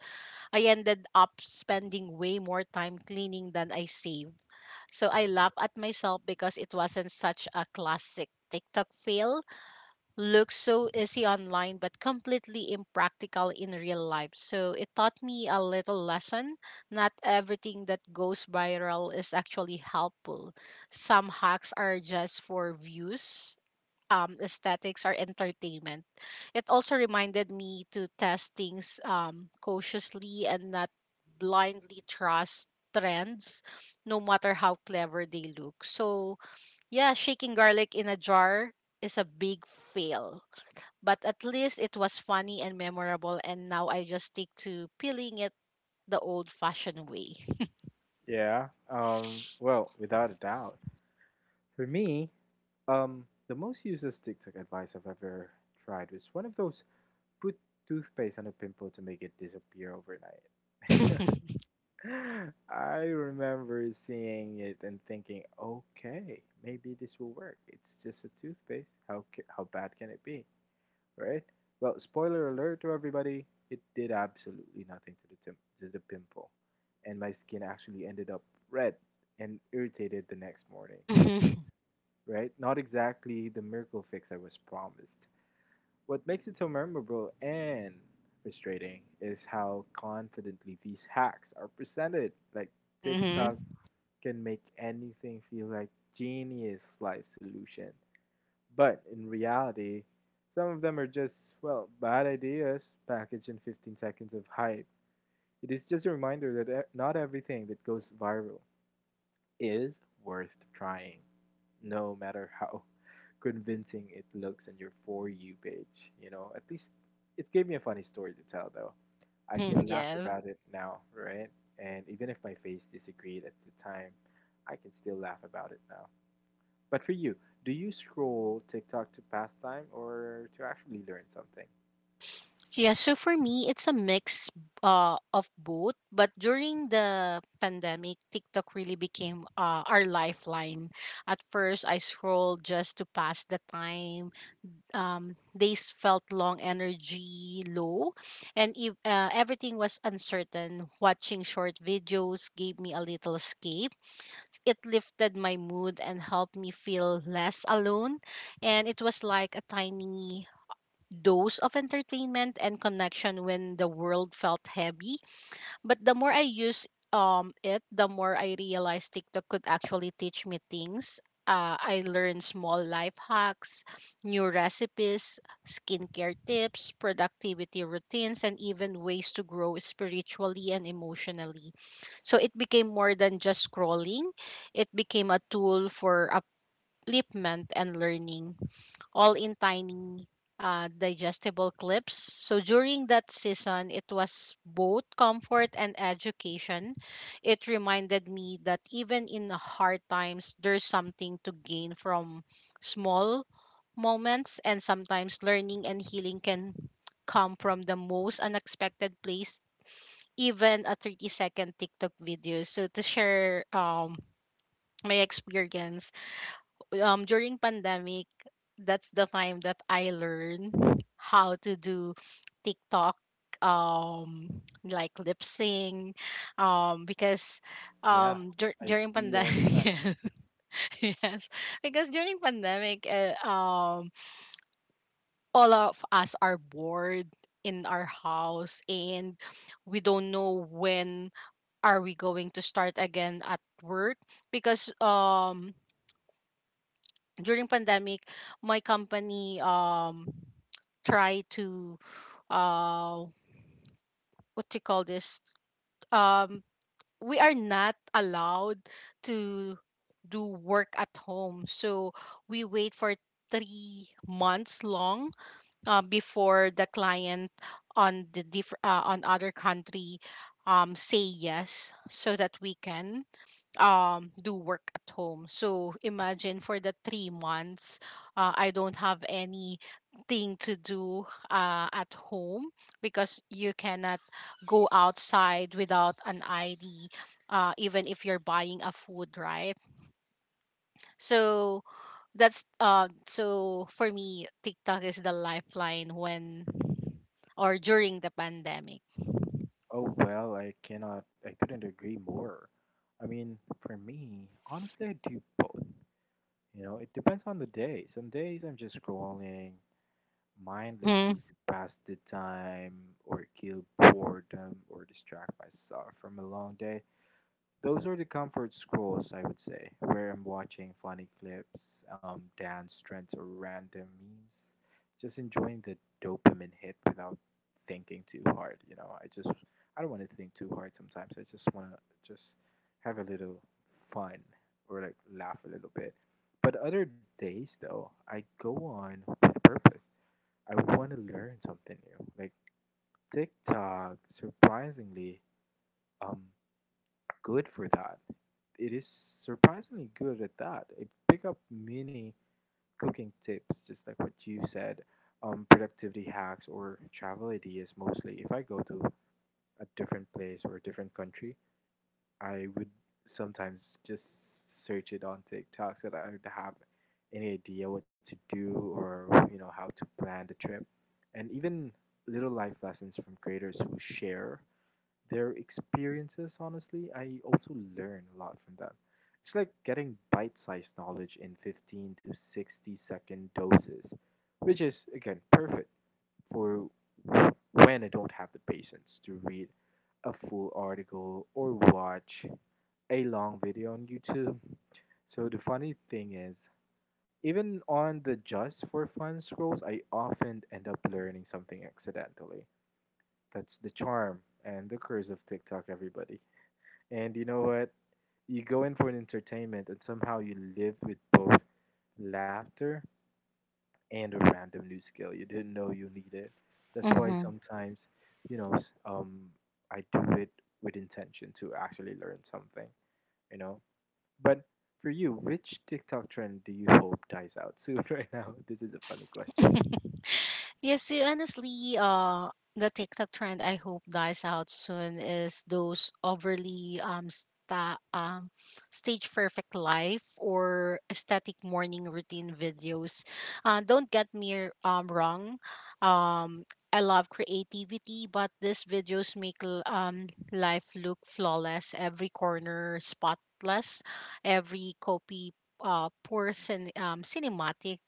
S2: I ended up spending way more time cleaning than I saved. So I laugh at myself because it wasn't such a classic TikTok fail. Looks so easy online, but completely impractical in real life. So it taught me a little lesson. Not everything that goes viral is actually helpful. Some hacks are just for views, um, aesthetics or entertainment. It also reminded me to test things um, cautiously and not blindly trust trends, no matter how clever they look. So, yeah, shaking garlic in a jar is a big fail. But at least it was funny and memorable, and now I just stick to peeling it the old fashioned way.
S1: Yeah, um well, without a doubt, for me, Um, the most useless TikTok advice I've ever tried was one of those, put toothpaste on a pimple to make it disappear overnight. I remember seeing it and thinking, okay, maybe this will work. It's just a toothpaste. How ca- how bad can it be, right? Well, spoiler alert to everybody, it did absolutely nothing to the tim- to the pimple, and my skin actually ended up red and irritated the next morning. Right? Not exactly the miracle fix I was promised. What makes it so memorable and frustrating is how confidently these hacks are presented. Like, TikTok
S2: Mm-hmm.
S1: can make anything feel like genius life solution. But in reality, some of them are just, well, bad ideas packaged in fifteen seconds of hype. It is just a reminder that e- not everything that goes viral is worth trying, no matter how convincing it looks in your For You page. You know, at least it gave me a funny story to tell, though. I
S2: Mm-hmm.
S1: can laugh
S2: Yes.
S1: about it now, right? And even if my face disagreed at the time, I can still laugh about it now. But for you, do you scroll TikTok to pass time or to actually learn something?
S2: Yeah, so for me, it's a mix uh, of both. But during the pandemic, TikTok really became uh, our lifeline. At first, I scrolled just to pass the time. Um, days felt long, energy low, and if uh, everything was uncertain. Watching short videos gave me a little escape. It lifted my mood and helped me feel less alone, and it was like a tiny dose of entertainment and connection when the world felt heavy. But the more I use um it, the more I realized TikTok could actually teach me things. Uh, I learned small life hacks, new recipes, skincare tips, productivity routines, and even ways to grow spiritually and emotionally. So it became more than just scrolling, it became a tool for upliftment and learning all in tiny uh, digestible clips. So during that season, it was both comfort and education. It reminded me that even in the hard times, there's something to gain from small moments, and sometimes learning and healing can come from the most unexpected place, even a thirty second TikTok video. So to share um my experience um during pandemic, that's the time that I learned how to do TikTok um like lip sync um because
S1: Yeah,
S2: um dur-
S1: I
S2: during
S1: see all the
S2: pandemic.
S1: time.
S2: Yes. Yes, because during pandemic uh, um all of us are bored in our house and we don't know when are we going to start again at work because um during pandemic my company um try to uh what do you call this um we are not allowed to do work at home, so we wait for three months long, uh, before the client on the diff- uh, on other country um say yes so that we can um do work at home. So imagine for the three months, uh, I don't have anything to do uh, at home because you cannot go outside without an ID, uh, even if you're buying a food, right? So that's uh, so for me TikTok is the lifeline when or during the pandemic.
S1: Oh, well, I cannot, I couldn't agree more. I mean, for me, honestly, I do both. You know, it depends on the day. Some days I'm just scrolling
S2: Mm-hmm.
S1: mindlessly to pass the time or kill boredom or distract myself from a long day. Those are the comfort scrolls, I would say, where I'm watching funny clips, um, dance trends, or random memes. Just enjoying the dopamine hit without thinking too hard. You know, I just I don't want to think too hard sometimes. I just want to just have a little fun, or like laugh a little bit. But other days, though, I go on with purpose. I want to learn something new. Like, TikTok, surprisingly, um, good for that. It is surprisingly good at that. It pick up many cooking tips, just like what you said, um, productivity hacks or travel ideas mostly. If I go to a different place or a different country, I would sometimes just search it on TikTok so that I would have any idea what to do, or you know, how to plan the trip, and even little life lessons from creators who share their experiences. Honestly, I also learn a lot from them. It's like getting bite sized knowledge in fifteen to sixty second doses, which is, again, perfect for when I don't have the patience to read a full article or watch a long video on YouTube. So the funny thing is, even on the just for fun scrolls, I often end up learning something accidentally. That's the charm and the curse of TikTok, everybody. And you know what? You go in for an entertainment and somehow you live with both laughter and a random new skill. You didn't know you needed. That's why
S2: Mm-hmm.
S1: sometimes, you know, s- um, I do it with intention to actually learn something, you know? But for you, which TikTok trend do you hope dies out soon right now? This is a funny question.
S2: Yes, see, honestly, uh, the TikTok trend I hope dies out soon is those overly um sta- um stage perfect life or aesthetic morning routine videos. Uh, don't get me um wrong, um I love creativity, but these videos make l- um life look flawless, every corner spotless, every copy uh poor cin- um cinematic,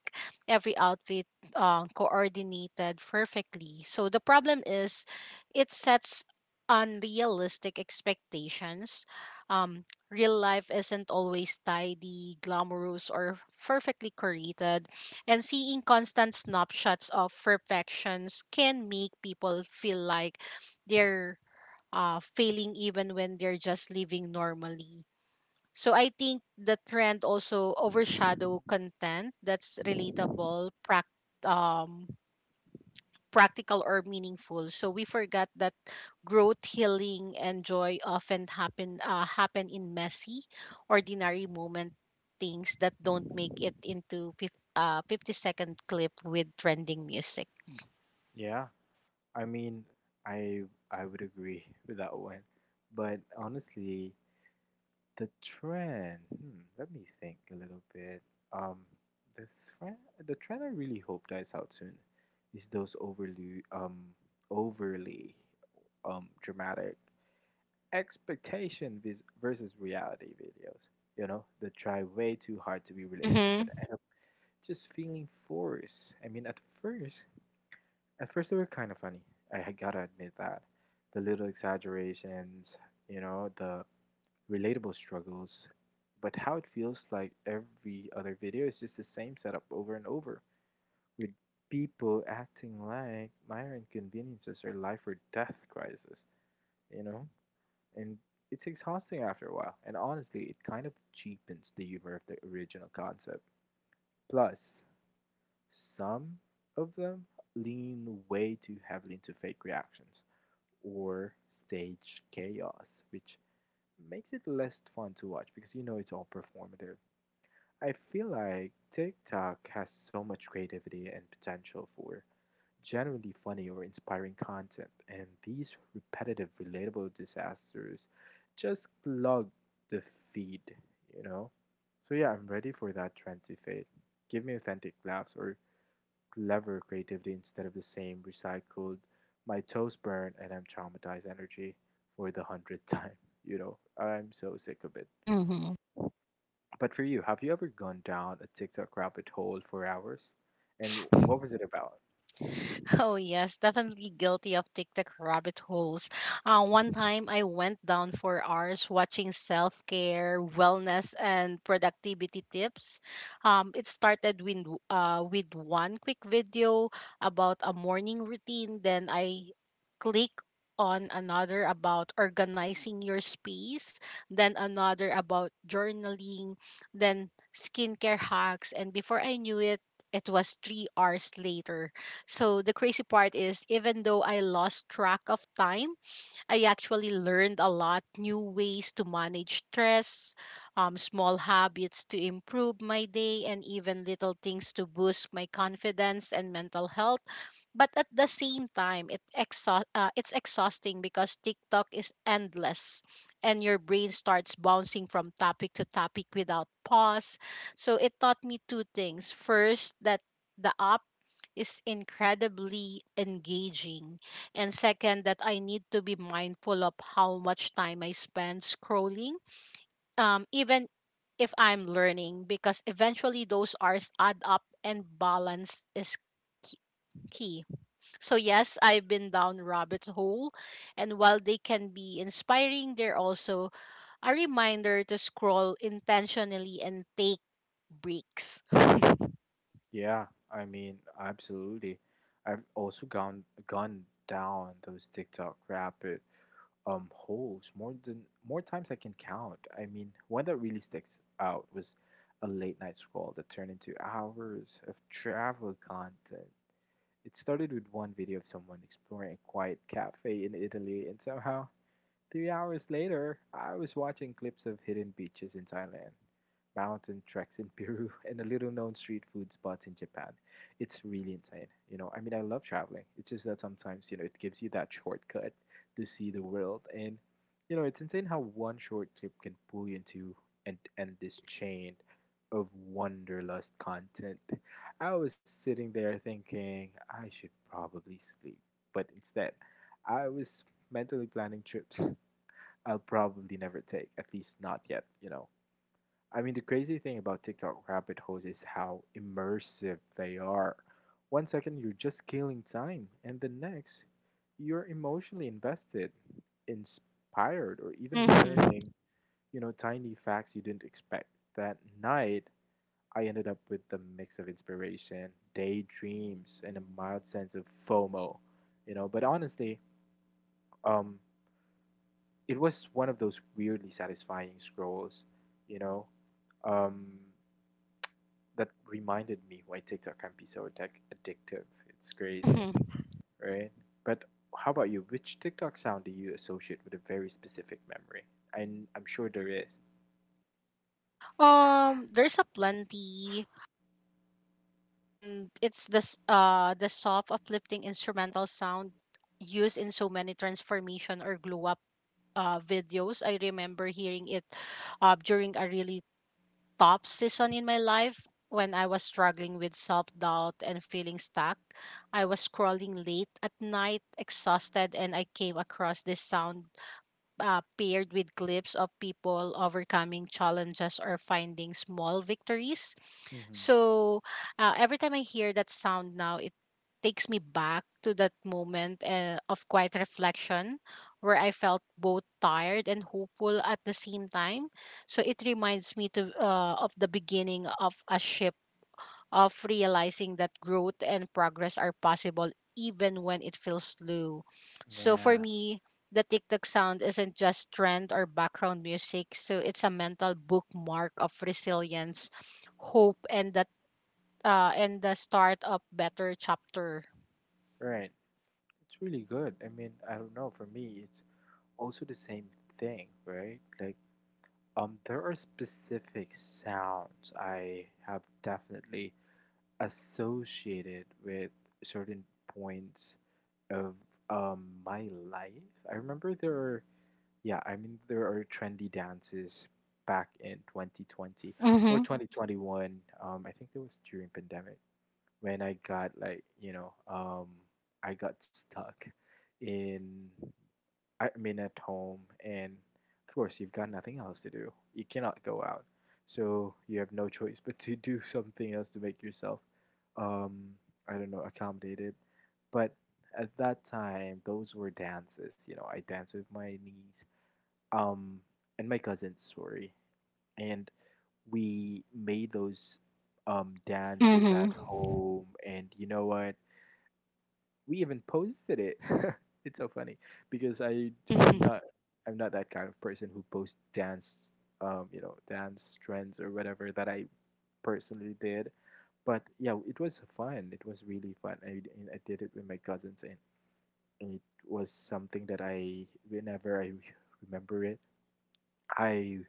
S2: every outfit uh, coordinated perfectly. So the problem is it sets unrealistic expectations. Um, real life isn't always tidy, glamorous, or perfectly curated. And seeing constant snapshots of perfections can make people feel like they're uh, failing even when they're just living normally. So I think the trend also overshadow content that's relatable, prac- um, practical or meaningful. So we forgot that growth, healing, and joy often happen uh, happen in messy, ordinary moment things that don't make it into fif- uh, fifty second clip with trending music.
S1: Yeah. I mean, I I would agree with that one. But honestly, the trend, hmm, let me think a little bit. Um, the trend, the trend I really hope dies out soon is those overly um overly um dramatic expectation vis- versus reality videos. You know, that try way too hard to be relatable, but
S2: Mm-hmm.
S1: end up just feeling forced. I mean, at first, at first, they were kind of funny. I had gotta admit that. The little exaggerations, you know, the relatable struggles. But how it feels like every other video is just the same setup over and over, with people acting like minor inconveniences are life or death crisis, you know? And it's exhausting after a while. And honestly, it kind of cheapens the humor of the original concept. Plus, some of them lean way too heavily into fake reactions or stage chaos, which makes it less fun to watch because you know it's all performative. I feel like TikTok has so much creativity and potential for generally funny or inspiring content, and these repetitive, relatable disasters just clog the feed, you know? So, yeah, I'm ready for that trend to fade. Give me authentic laughs or clever creativity instead of the same recycled my toes burn and I'm traumatized energy for the hundredth time. You know, I'm so sick of it.
S2: Mm-hmm.
S1: But for you, have you ever gone down a TikTok rabbit hole for hours? And what was it about?
S2: Oh yes, definitely guilty of TikTok rabbit holes. Uh, one time I went down for hours watching self-care, wellness, and productivity tips. Um, it started with uh, with one quick video about a morning routine. Then I click on another about organizing your space, then another about journaling, then skincare hacks, and before I knew it, it was three hours later. So the crazy part is, even though I lost track of time, I actually learned a lot, new ways to manage stress, um, small habits to improve my day, and even little things to boost my confidence and mental health. But at the same time, it exha- uh, it's exhausting because TikTok is endless and your brain starts bouncing from topic to topic without pause. So it taught me two things. First, that the app is incredibly engaging, and second, that I need to be mindful of how much time I spend scrolling, um, even if I'm learning, because eventually those hours add up and balance is key. key. So, yes, I've been down rabbit hole, and while they can be inspiring, they're also a reminder to scroll intentionally and take breaks.
S1: Yeah, I mean, absolutely. I've also gone gone down those TikTok rapid um holes more than more times I can count. I mean, one that really sticks out was a late night scroll that turned into hours of travel content. It started with one video of someone exploring a quiet cafe in Italy, and somehow three hours later, I was watching clips of hidden beaches in Thailand, mountain treks in Peru, and the little known street food spots in Japan. It's really insane. You know, I mean, I love traveling. It's just that sometimes, you know, it gives you that shortcut to see the world. And, you know, it's insane how one short clip can pull you into and end this chain of wanderlust content. I was sitting there thinking I should probably sleep, but instead, I was mentally planning trips I'll probably never take, at least not yet, you know. I mean, the crazy thing about TikTok rabbit holes is how immersive they are. One second you're just killing time, and the next you're emotionally invested, inspired, or even
S2: Mm-hmm.
S1: learning, you know, tiny facts you didn't expect. That night, I ended up with the mix of inspiration, daydreams, and a mild sense of FOMO, you know. But honestly, um, it was one of those weirdly satisfying scrolls, you know, um, that reminded me why TikTok can be so addic- addictive. It's crazy,
S2: Mm-hmm.
S1: right? But how about you? Which TikTok sound do you associate with a very specific memory? I, I'm sure there is.
S2: Um, there's a plenty. And it's the s- uh the soft uplifting instrumental sound used in so many transformation or glow up uh, videos. I remember hearing it uh, during a really top season in my life when I was struggling with self doubt and feeling stuck. I was scrolling late at night, exhausted, and I came across this sound uh, paired with clips of people overcoming challenges or finding small victories.
S1: Mm-hmm.
S2: So uh, every time I hear that sound now, it takes me back to that moment uh, of quiet reflection where I felt both tired and hopeful at the same time. So it reminds me to uh, of the beginning of a shift, of realizing that growth and progress are possible even when it feels slow. So
S1: Yeah,
S2: for me, the TikTok sound isn't just trend or background music, so it's a mental bookmark of resilience, hope, and that uh, and the start of better chapter.
S1: right. It's really good. I mean, I don't know. For me, it's also the same thing, right? Like, um, there are specific sounds I have definitely associated with certain points of um, my life. I remember there are, yeah, I mean, there are trendy dances back in twenty twenty or
S2: Mm-hmm.
S1: twenty twenty-one. Um, I think it was during pandemic when I got like, you know, um, I got stuck in I mean, at home, and of course, you've got nothing else to do. You cannot go out, so you have no choice but to do something else to make yourself, um, I don't know, accommodated. But at that time, those were dances. You know, I danced with my niece, um, and my cousin. Sorry, and we made those um dances
S2: Mm-hmm.
S1: at home, and you know what? We even posted it. It's so funny because I I'm not I'm not that kind of person who posts dance, um you know, dance trends or whatever that I personally did, but yeah, it was fun. It was really fun. I and I did it with my cousins, and and it was something that I whenever I remember it, I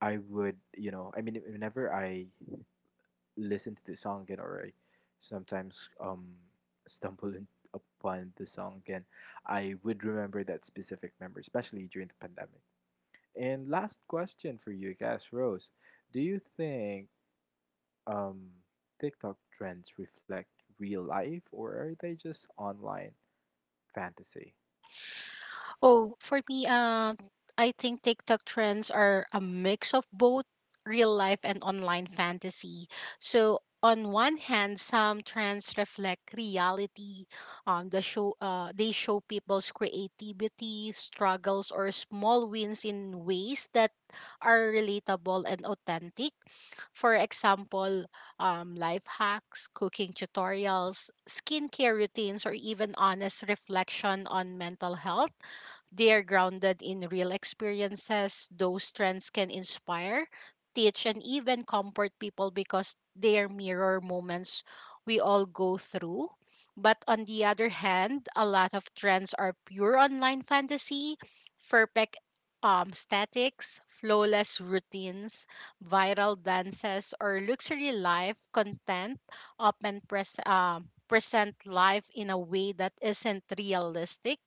S1: I would, you know, I mean, whenever I listen to the song again, or I sometimes um stumble in, upon the song again, I would remember that specific memory, especially during the pandemic. And last question for you, guys, Rose, do you think um TikTok trends reflect real life, or are they just online fantasy?
S2: Oh, for me, um, I think TikTok trends are a mix of both real life and online fantasy. So on one hand, some trends reflect reality. Um, the show, uh, they show people's creativity, struggles, or small wins in ways that are relatable and authentic. For example, um, life hacks, cooking tutorials, skincare routines, or even honest reflection on mental health, they are grounded in real experiences. Those trends can inspire, teach, and even comfort people because they are mirror moments we all go through. But on the other hand, a lot of trends are pure online fantasy, perfect um, statics, flawless routines, viral dances, or luxury life content often pres- um, present life in a way that isn't realistic.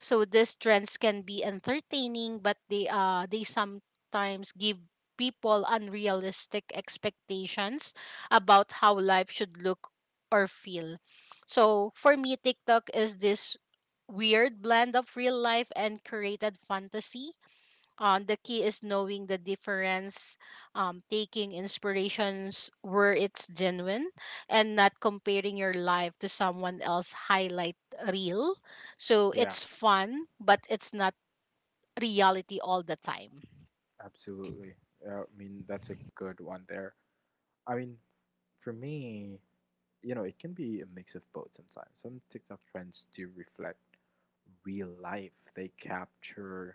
S2: So these trends can be entertaining, but they uh they sometimes give people unrealistic expectations about how life should look or feel. So for me, TikTok is this weird blend of real life and created fantasy. um, the key is knowing the difference, um, taking inspirations where it's genuine, and not comparing your life to someone else highlight reel. So
S1: Yeah,
S2: it's fun, but it's not reality all the time.
S1: absolutely. Uh, I mean, that's a good one there. I mean, for me, you know, it can be a mix of both sometimes. Some TikTok trends do reflect real life. They capture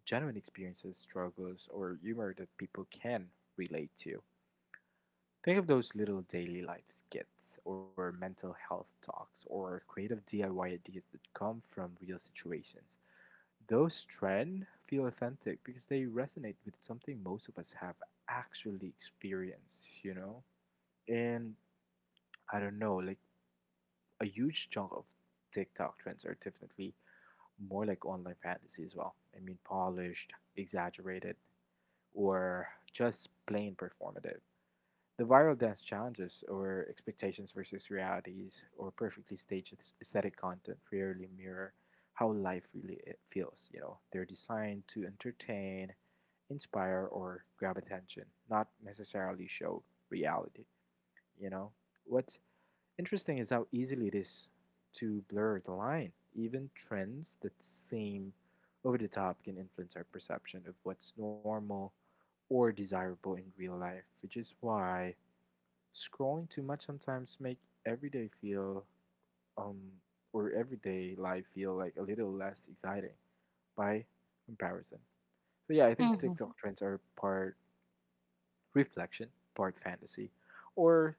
S1: genuine experiences, struggles, or humor that people can relate to. Think of those little daily life skits or mental health talks or creative D I Y ideas that come from real situations. Those trends feel authentic because they resonate with something most of us have actually experienced, you know? And I don't know, like, a huge chunk of TikTok trends are definitely more like online fantasy as well. I mean, polished, exaggerated, or just plain performative. The viral dance challenges or expectations versus realities or perfectly staged aesthetic content rarely mirror how life really i- feels. You know, they're designed to entertain, inspire, or grab attention, not necessarily show reality. You know, what's interesting is how easily it is to blur the line. Even trends that seem over the top can influence our perception of what's normal or desirable in real life, which is why scrolling too much sometimes make everyday feel um or everyday life feel like a little less exciting by comparison. So yeah, I think
S2: Hmm.
S1: TikTok trends are part reflection, part fantasy, or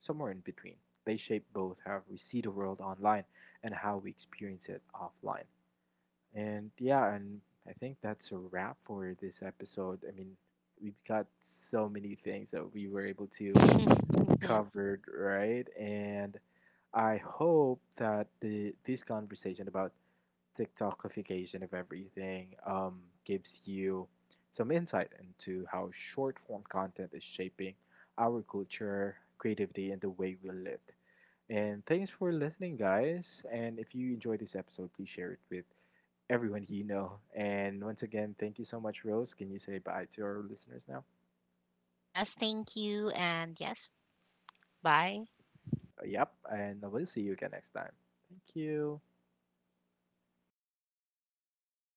S1: somewhere in between. They shape both how we see the world online and how we experience it offline. And yeah, and I think that's a wrap for this episode. I mean, we've got so many things that we were able to
S2: Yes.
S1: cover, right? And I hope that the this conversation about TikTokification of everything, um, gives you some insight into how short form content is shaping our culture, creativity, and the way we live. And thanks for listening, guys. And if you enjoyed this episode, please share it with everyone you know. And once again, thank you so much, Rose. Can you say bye to our listeners now?
S2: Yes, thank you. And yes, bye.
S1: Uh, yep. And we'll see you again next time. Thank you.